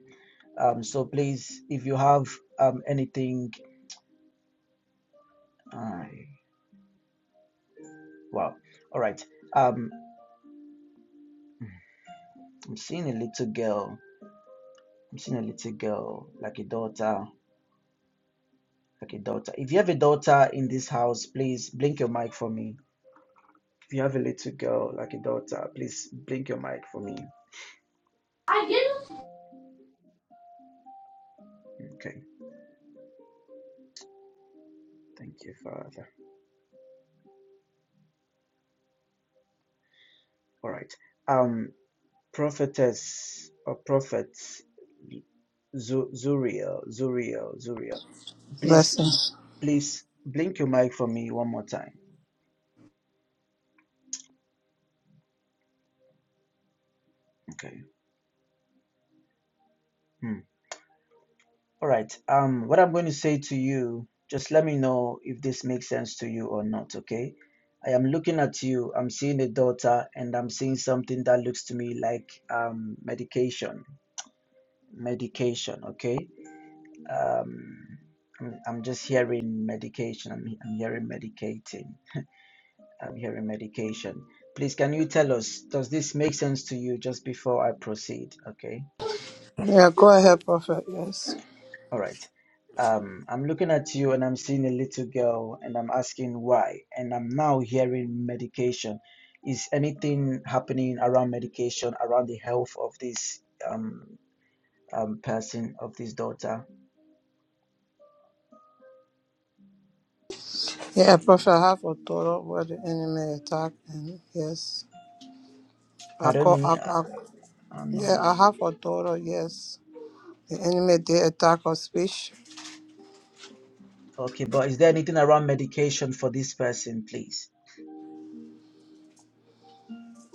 [SPEAKER 1] Um, so please, if you have um, anything, uh, wow. All right. Um, I'm seeing a little girl. I'm seeing a little girl, like a daughter, like a daughter. If you have a daughter in this house, please blink your mic for me. If you have a little girl, like a daughter, please blink your mic for me. Okay. Thank you, Father. All right. Um, prophetess or prophets, Zuriel, Zuriel, Zuriel. Please,
[SPEAKER 5] Blessings.
[SPEAKER 1] please blink your mic for me one more time. Okay. Hmm. All right. Um, what I'm going to say to you, just let me know if this makes sense to you or not. Okay. I am looking at you. I'm seeing a daughter, and I'm seeing something that looks to me like um medication, medication. Okay. Um, I'm, I'm just hearing medication. I'm, I'm hearing medicating. I'm hearing medication. Please, can you tell us, does this make sense to you just before I proceed? Okay.
[SPEAKER 5] Yeah, go ahead, Prophet. Yes.
[SPEAKER 1] All right. Um, I'm looking at you and I'm seeing a little girl and I'm asking why. And I'm now hearing medication. Is anything happening around medication, around the health of this um, um, person, of this daughter?
[SPEAKER 5] Yeah, Prophet, I have authority where the enemy attack and yes. I
[SPEAKER 1] Pardon
[SPEAKER 5] call I,
[SPEAKER 1] me. I,
[SPEAKER 5] I
[SPEAKER 1] I don't
[SPEAKER 5] yeah,
[SPEAKER 1] know.
[SPEAKER 5] I have authority, yes. The enemy did attack her speech.
[SPEAKER 1] Okay, but is there anything around medication for this person, please?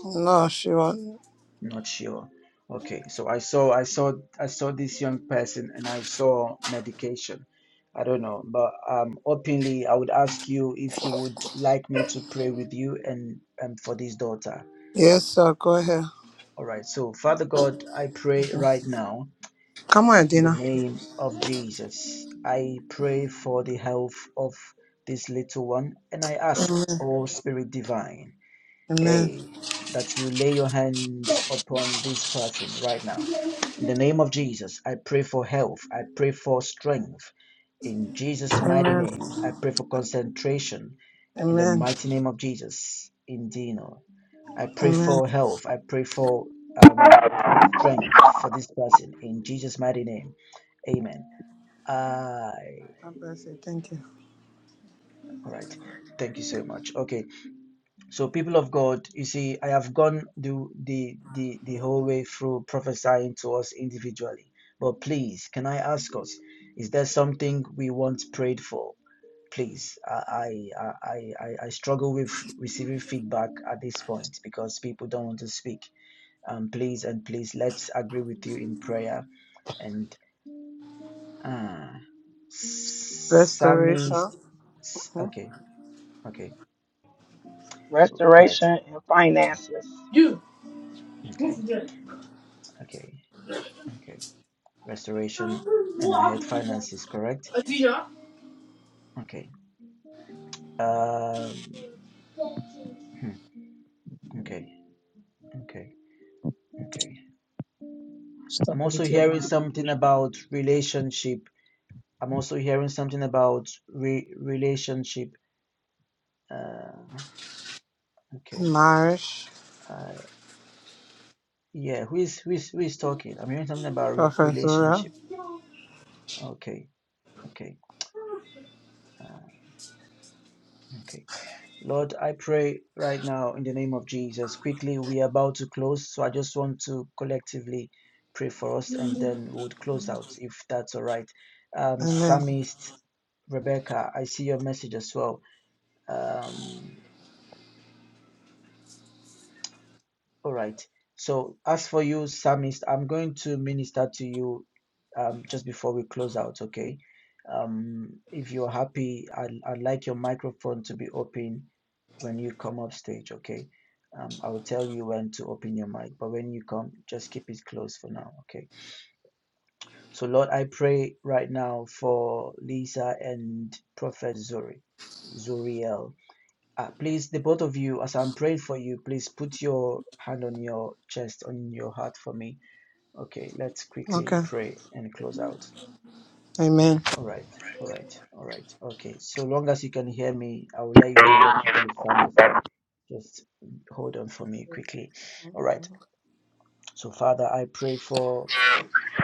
[SPEAKER 5] No, she won't.
[SPEAKER 1] Not sure. Okay, so I saw I saw I saw this young person and I saw medication. I don't know, but um openly I would ask you if you would like me to pray with you and um for this daughter.
[SPEAKER 5] Yes, sir, go ahead.
[SPEAKER 1] All right. So Father God, I pray right now
[SPEAKER 5] Come on,
[SPEAKER 1] in the
[SPEAKER 5] Adina.
[SPEAKER 1] name of Jesus. I pray for the health of this little one and I ask, oh Spirit divine
[SPEAKER 5] Amen.
[SPEAKER 1] Hey, that you lay your hands upon this person right now. In the name of Jesus, I pray for health. I pray for strength. In Jesus' mighty
[SPEAKER 5] Amen.
[SPEAKER 1] name, I pray for concentration. In the
[SPEAKER 5] Amen.
[SPEAKER 1] mighty name of Jesus, in Dino, I pray
[SPEAKER 5] Amen.
[SPEAKER 1] for health. I pray for um, strength for this person. In Jesus' mighty name, Amen. I.
[SPEAKER 5] God bless you. Thank you.
[SPEAKER 1] All right. Thank you so much. Okay. So, people of God, you see, I have gone the the the, the whole way through prophesying to us individually. But please, can I ask us, is there something we want prayed for? Please, I I I I, I struggle with receiving feedback at this point because people don't want to speak. Um, please and please, let's agree with you in prayer. And uh, Sammy,
[SPEAKER 5] Restoration. Hmm?
[SPEAKER 1] okay, okay, right,
[SPEAKER 4] Restoration and finances.
[SPEAKER 5] You move
[SPEAKER 1] okay,
[SPEAKER 5] from there.
[SPEAKER 1] okay, okay. restoration, and I had finances, correct?
[SPEAKER 5] Adina.
[SPEAKER 1] Okay. Um, hmm, okay. Okay. Okay. I'm also
[SPEAKER 6] stability of
[SPEAKER 1] hearing
[SPEAKER 6] my
[SPEAKER 1] something
[SPEAKER 6] application.
[SPEAKER 1] about relationship. I'm also hearing something about re relationship. Uh, okay.
[SPEAKER 5] Marriage.
[SPEAKER 1] Uh, yeah. Who is who is who is talking? I'm hearing something about
[SPEAKER 5] Prophet Zora.
[SPEAKER 1] relationship. Okay. Okay. Uh, okay. Lord, I pray right now in the name of Jesus. Quickly, we are about to close, so I just want to collectively pray for us and then we'll close out if that's all right. Um,
[SPEAKER 5] Amen.
[SPEAKER 1] Psalmist Rebecca, I see your message as well. Um, All right. So, as for you, Psalmist, I'm going to minister to you um, just before we close out, okay? Um, if you're happy, I'd, I'd like your microphone to be open when you come up stage, okay? Um, I will tell you when to open your mic, but when you come, just keep it closed for now, okay? So, Lord, I pray right now for Lisa and Prophet Zuri, Zuriel. Uh, please, the both of you, as I'm praying for you, please put your hand on your chest, on your heart for me. Okay, let's quickly
[SPEAKER 5] Okay.
[SPEAKER 1] pray and close out.
[SPEAKER 5] Amen.
[SPEAKER 1] All right, all right, all right. Okay, so long as you can hear me, I will let you know what to do, Sammy. Just hold on for me quickly. All right. So, Father, I pray for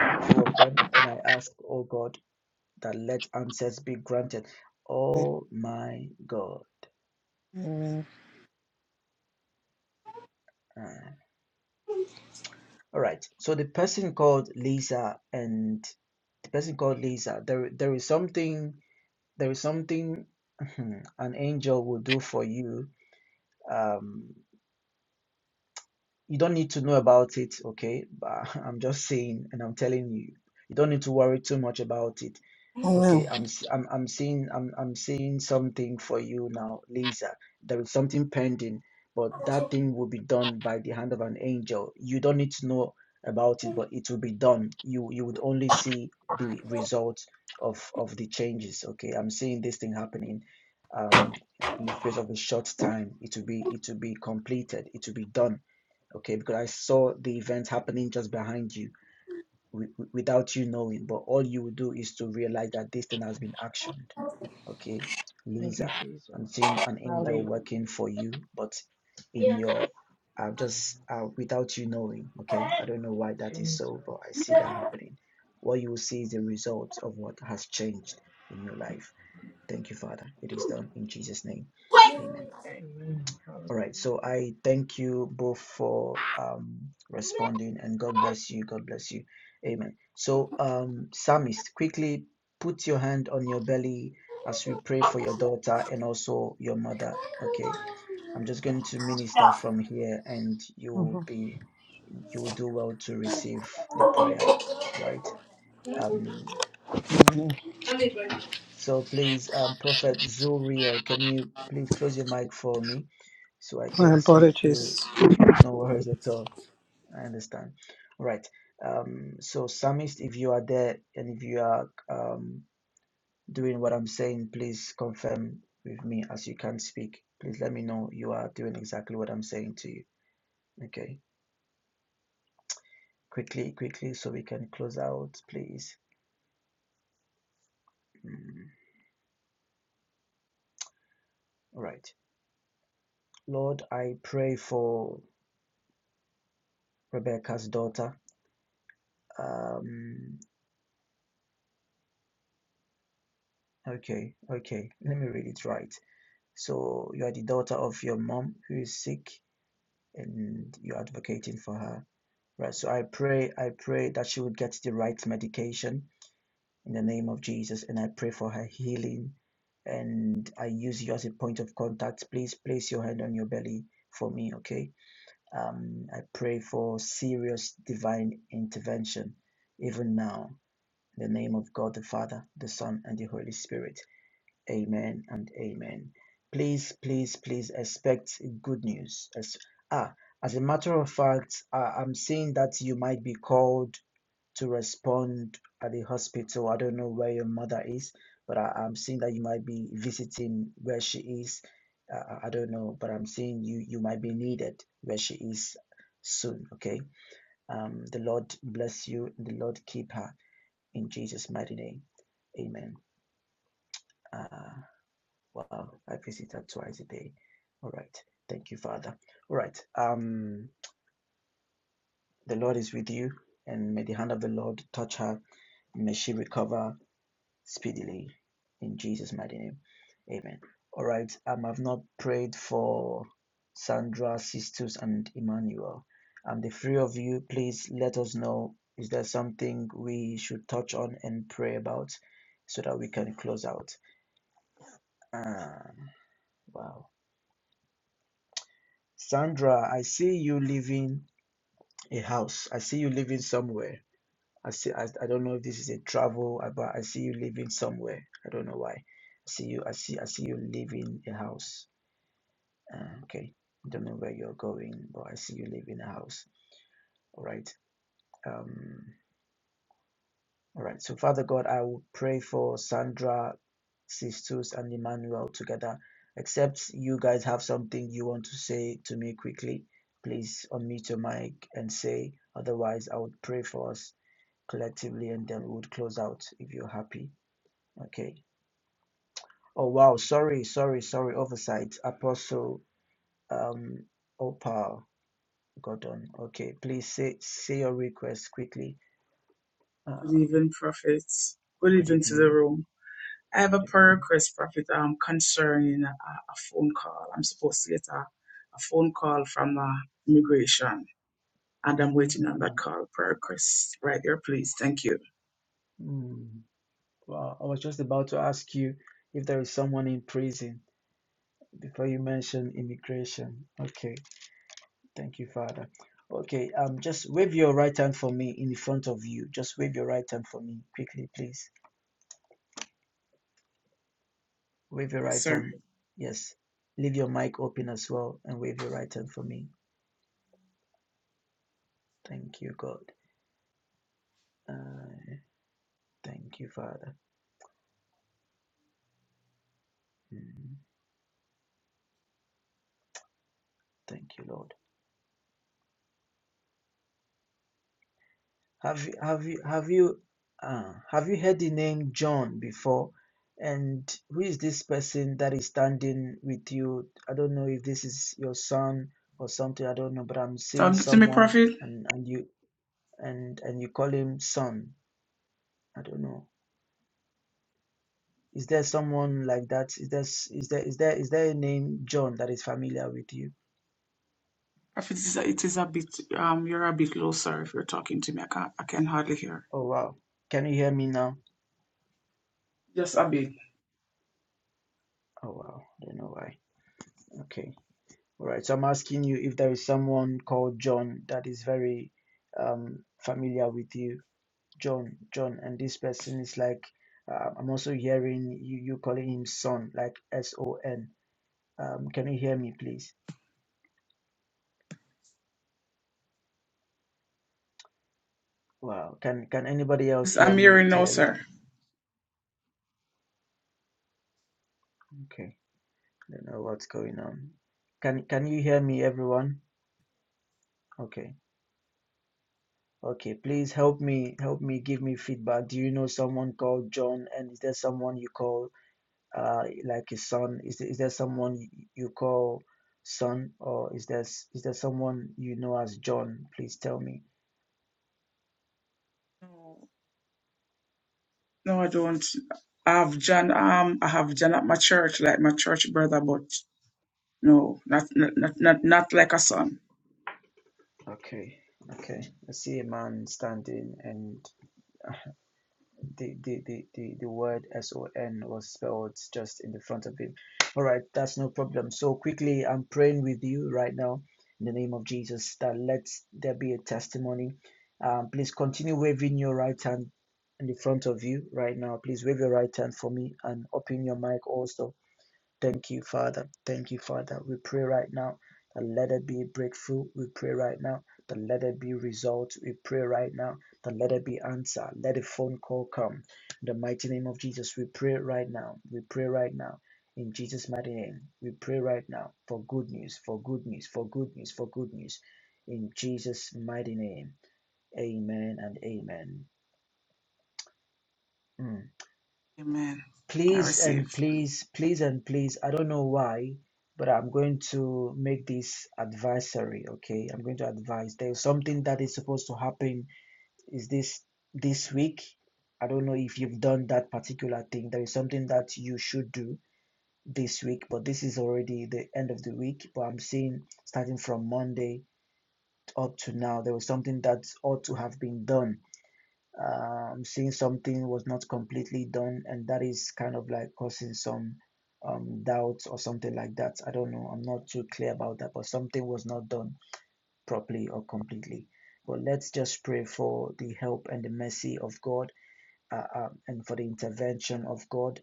[SPEAKER 1] the two of them and I ask, oh God, that let answers be granted. Oh my God.
[SPEAKER 5] Amen.
[SPEAKER 1] Uh, All right. So the person called Lisa and the person called Lisa, there there is something there is something [laughs] an angel will do for you. Um, you don't need to know about it, okay? But [laughs] I'm just saying and I'm telling you, you don't need to worry too much about it.
[SPEAKER 5] Amen.
[SPEAKER 1] Okay, I'm s- I'm I'm seeing I'm I'm seeing something for you now, Lisa. There is something pending, but that thing will be done by the hand of an angel. You don't need to know about it, but it will be done. You you would only see the results of of the changes. Okay, I'm seeing this thing happening um in the space of a short time. It will be it will be completed. It will be done. Okay, because I saw the event happening just behind you without you knowing, but all you will do is to realize that this thing has been actioned. Okay,
[SPEAKER 4] Thank you,
[SPEAKER 1] Lisa, I'm
[SPEAKER 4] Jesus.
[SPEAKER 1] seeing an angel
[SPEAKER 4] Hallelujah,
[SPEAKER 1] working for you, but in your uh, just uh, without you knowing. Okay, I don't know why that is
[SPEAKER 4] Jesus.
[SPEAKER 1] so, but I see that happening. What you will see is the results of what has changed in your life. Thank you, Father. It is done in Jesus' name. Amen.
[SPEAKER 4] Amen.
[SPEAKER 1] All right.
[SPEAKER 4] Hallelujah.
[SPEAKER 1] So I thank you both for um, responding and God bless you. God bless you. Amen. So, um, Psalmist, quickly put your hand on your belly as we pray for your daughter and also your mother. Okay. I'm just going to minister from here and you will be, you will do well to receive the prayer. Right. Um, so please, um, Prophet Zuriel, can you please close your mic for me so I
[SPEAKER 5] My
[SPEAKER 1] can speak to
[SPEAKER 5] apologies.
[SPEAKER 1] no worries at all. I understand. All right. Um, so Samist, if you are there and if you are um, doing what I'm saying, please confirm with me as you can speak. Please let me know you are doing exactly what I'm saying to you. Okay. Quickly, quickly, so we can close out, please. Mm. All right. Lord, I pray for Rebecca's daughter. Um, okay, okay. Let me read it right. So you are the daughter of your mom who is sick and you're advocating for her. Right. So I pray, I pray that she would get the right medication in the name of Jesus. And I pray for her healing. And I use you as a point of contact. Please place your hand on your belly for me, okay? Um, I pray for serious divine intervention, even now, in the name of God the Father, the Son, and the Holy Spirit. Amen and amen. Please, please, please expect good news. As, ah, as a matter of fact, I, I'm seeing that you might be called to respond at the hospital. I don't know where your mother is, but I, I'm seeing that you might be visiting where she is. Uh, I don't know, but I'm seeing you you might be needed where she is soon. Okay. Um, the Lord bless you and the Lord keep her in Jesus' mighty name. Amen. Uh, Wow, I visit her twice a day. All right. Thank you, Father. All right. Um, the Lord is with you, and may the hand of the Lord touch her. May she recover speedily in Jesus' mighty name. Amen. All right. Um, I've not prayed for Sandra, Sistus, and Emmanuel. Um, the three of you, please let us know. Is there something we should touch on and pray about so that we can close out? Ah, wow. Sandra, I see you leaving a house. I see you leaving somewhere. I see. I, I don't know if this is a travel, uh, but I see you leaving somewhere. I don't know why. I see you. I see. I see you leaving a house. Uh, okay. I don't know where you're going, but I see you leaving a house. All right. Um. All right. So, Father God, I will pray for Sandra, Sistus, and Emmanuel together. Except you guys have something you want to say to me quickly, please unmute your mic and say. Otherwise, I would pray for us collectively and then we would close out if you're happy. Okay. Oh, wow. Sorry, sorry, sorry. Oversight. Apostle um, Opal Gordon. Okay. Please say, say your request quickly.
[SPEAKER 7] Good
[SPEAKER 1] Um,
[SPEAKER 7] evening, Prophet. Good
[SPEAKER 1] good
[SPEAKER 7] evening to the
[SPEAKER 1] evening.
[SPEAKER 7] room. I have a
[SPEAKER 1] Good
[SPEAKER 7] prayer
[SPEAKER 1] evening.
[SPEAKER 7] request, Prophet, um, concerning a, a phone call. I'm supposed to get a, a phone call from uh, immigration, and I'm waiting on
[SPEAKER 1] Mm.
[SPEAKER 7] that call. Prayer request right there, please. Thank you.
[SPEAKER 1] Hmm. wow. I was just about to ask you if there is someone in prison before you mentioned immigration. Okay, thank you, Father. Okay, um, just wave your right hand for me in front of you. Just wave your right hand for me quickly, please. Wave your
[SPEAKER 7] Yes,
[SPEAKER 1] right
[SPEAKER 7] sir.
[SPEAKER 1] hand. Yes. Leave your mic open as well and wave your right hand for me. Thank you, God. Uh, thank you, Father. Mm, Thank you, Lord. Have you have you have you uh, have you heard the name John before? And who is this person that is standing with you? I don't know if this is your son or something. I don't know, but I'm seeing
[SPEAKER 7] Talking to me,
[SPEAKER 1] someone
[SPEAKER 7] Prophet.
[SPEAKER 1] and and you and and you call him son. I don't know. Is there someone like that? Is there s- is there is there is there a name John that is familiar with you?
[SPEAKER 7] Prophet, it is a, it is a bit, um, you're a bit low, sir, if you're talking to me. I can't, I can hardly hear.
[SPEAKER 1] Oh wow. Can you hear me now?
[SPEAKER 7] Just a bit.
[SPEAKER 1] Oh wow. I don't know why. Okay. All right. So I'm asking you if there is someone called John that is very um, familiar with you, John, John, and this person is like uh, I'm also hearing you you calling him son, like S O N. Um, can you hear me, please? Wow. Can can anybody else
[SPEAKER 7] Yes,
[SPEAKER 1] hear
[SPEAKER 7] I'm
[SPEAKER 1] me
[SPEAKER 7] hearing now, sir.
[SPEAKER 1] clearly? Okay. I don't know what's going on. Can can you hear me, everyone? Okay. Okay, please help me, help me, give me feedback. Do you know someone called John? And is there someone you call uh, like a son? Is there, is there someone you call son, or is there is there someone you know as John? Please tell me.
[SPEAKER 7] No, no, I don't. I have John. Um, I have John at my church, like my church brother, but No, not not not not, not like a son.
[SPEAKER 1] Okay, okay. I see a man standing, and uh, the the the the, the word S-O-N was spelled just in the front of it. All right, that's no problem. So quickly, I'm praying with you right now in the name of Jesus that let there be a testimony. Um, please continue waving your right hand in the front of you right now. Please wave your right hand for me and open your mic also Thank you, Father. Thank you, Father. We pray right now that let it be breakthrough. We pray right now that let it be results. We pray right now that let it be answer. Let a phone call come. In the mighty name of Jesus, we pray right now. We pray right now. In Jesus' mighty name, we pray right now for good news, for good news, for good news, for good news. In Jesus' mighty name, amen and amen. Mm.
[SPEAKER 7] Amen. I
[SPEAKER 1] please
[SPEAKER 7] receive.
[SPEAKER 1] and please, please and please, I don't know why, but I'm going to make this advisory, okay? I'm going to advise. There's something that is supposed to happen is this this week. I don't know if you've done that particular thing. There is something that you should do this week, but this is already the end of the week. But I'm seeing starting from Monday up to now, there was something that ought to have been done um, seeing something was not completely done, and that is kind of like causing some um, doubts or something like that. I don't know. I'm not too clear about that, but something was not done properly or completely. But let's just pray for the help and the mercy of God uh, um, and for the intervention of God,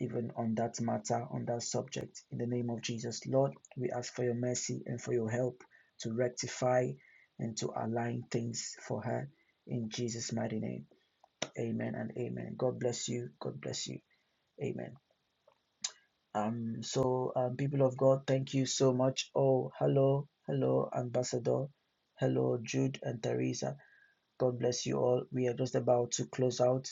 [SPEAKER 1] even on that matter, on that subject. In the name of Jesus, Lord, we ask for your mercy and for your help to rectify and to align things for her in Jesus' mighty name. Amen and amen. God bless you. God bless you. Amen. Um, so um, people of God, thank you so much. Oh, hello, hello, Ambassador. Hello, Jude and Teresa. God bless you all. We are just about to close out.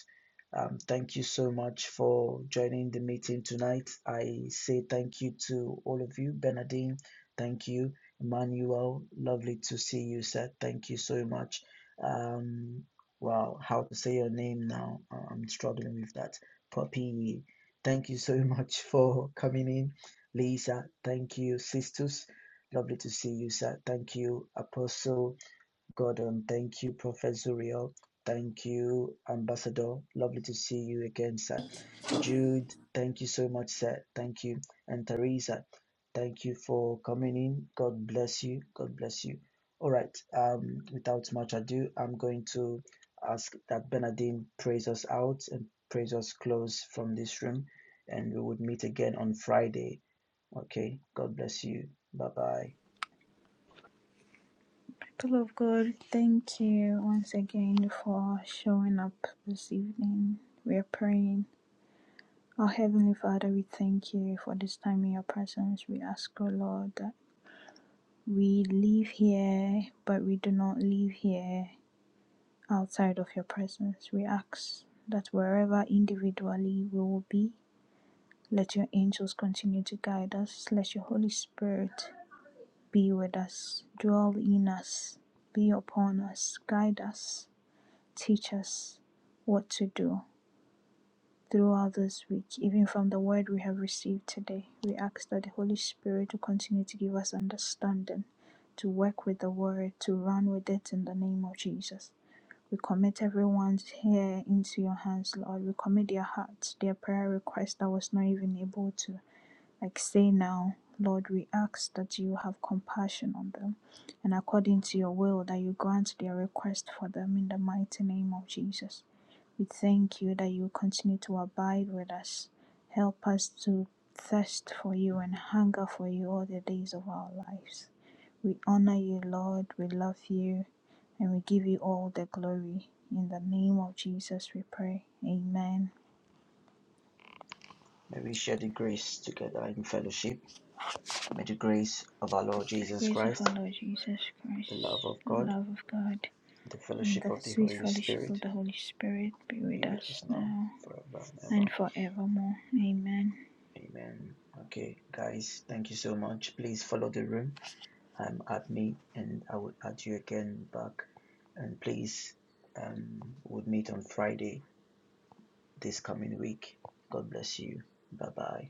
[SPEAKER 1] Um, thank you so much for joining the meeting tonight. I say thank you to all of you. Bernadine, thank you. Emmanuel, lovely to see you, sir. Thank you so much. Um, wow, how to say your name now? I- I'm struggling with that. Poppy, thank you so [laughs] much for coming in. Lisa, thank you. Sisters, lovely to see you, sir. Thank you. Apostle, Gordon, thank you, Prophet Zuriel. Thank you, Ambassador. Lovely to see you again, sir. Jude, thank you so much, sir. Thank you. And Teresa, thank you for coming in. God bless you. God bless you. All right. Um, without much ado, I'm going to ask that Bernardine praise us out and praise us close from this room. And we would meet again on Friday. Okay. God bless you. Bye bye.
[SPEAKER 8] People of God, thank you once again for showing up this evening. We are praying. Our Heavenly Father, we thank you for this time in your presence. We ask, O Lord, that we live here, but we do not live here outside of your presence. We ask that wherever individually we will be, let your angels continue to guide us. Let your Holy Spirit be with us, dwell in us, be upon us, guide us Teach us what to do throughout this week, even from the word we have received today. We ask that the Holy Spirit will continue to give us understanding, to work with the word, to run with it in the name of Jesus. We commit everyone here into your hands, Lord. We commit their hearts, their prayer request that was not even able to, like, say now. Lord, we ask that you have compassion on them and according to your will that you grant their request for them in the mighty name of Jesus. We thank you that you continue to abide with us. Help us to thirst for you and hunger for you all the days of our lives. We honor you, Lord. We love you and we give you all the glory. In the name of Jesus, we pray. Amen.
[SPEAKER 1] May we share the grace together in fellowship. May the grace of our Lord
[SPEAKER 8] The
[SPEAKER 1] Jesus
[SPEAKER 8] grace of our
[SPEAKER 1] Christ,
[SPEAKER 8] Lord Jesus
[SPEAKER 1] the love
[SPEAKER 8] Christ,
[SPEAKER 1] of
[SPEAKER 8] the
[SPEAKER 1] God,
[SPEAKER 8] love of God,
[SPEAKER 1] the
[SPEAKER 8] and
[SPEAKER 1] fellowship
[SPEAKER 8] the
[SPEAKER 1] of the
[SPEAKER 8] sweet
[SPEAKER 1] Holy
[SPEAKER 8] fellowship
[SPEAKER 1] Spirit
[SPEAKER 8] of the Holy Spirit be with
[SPEAKER 1] be with
[SPEAKER 8] us
[SPEAKER 1] us now,
[SPEAKER 8] now
[SPEAKER 1] forever and
[SPEAKER 8] and
[SPEAKER 1] ever.
[SPEAKER 8] forevermore. Amen.
[SPEAKER 1] Amen. Okay, guys, thank you so much. Please follow the room. I'm at me, and I will add you again back. And please, um, we'll meet on Friday this coming week. God bless you. Bye bye.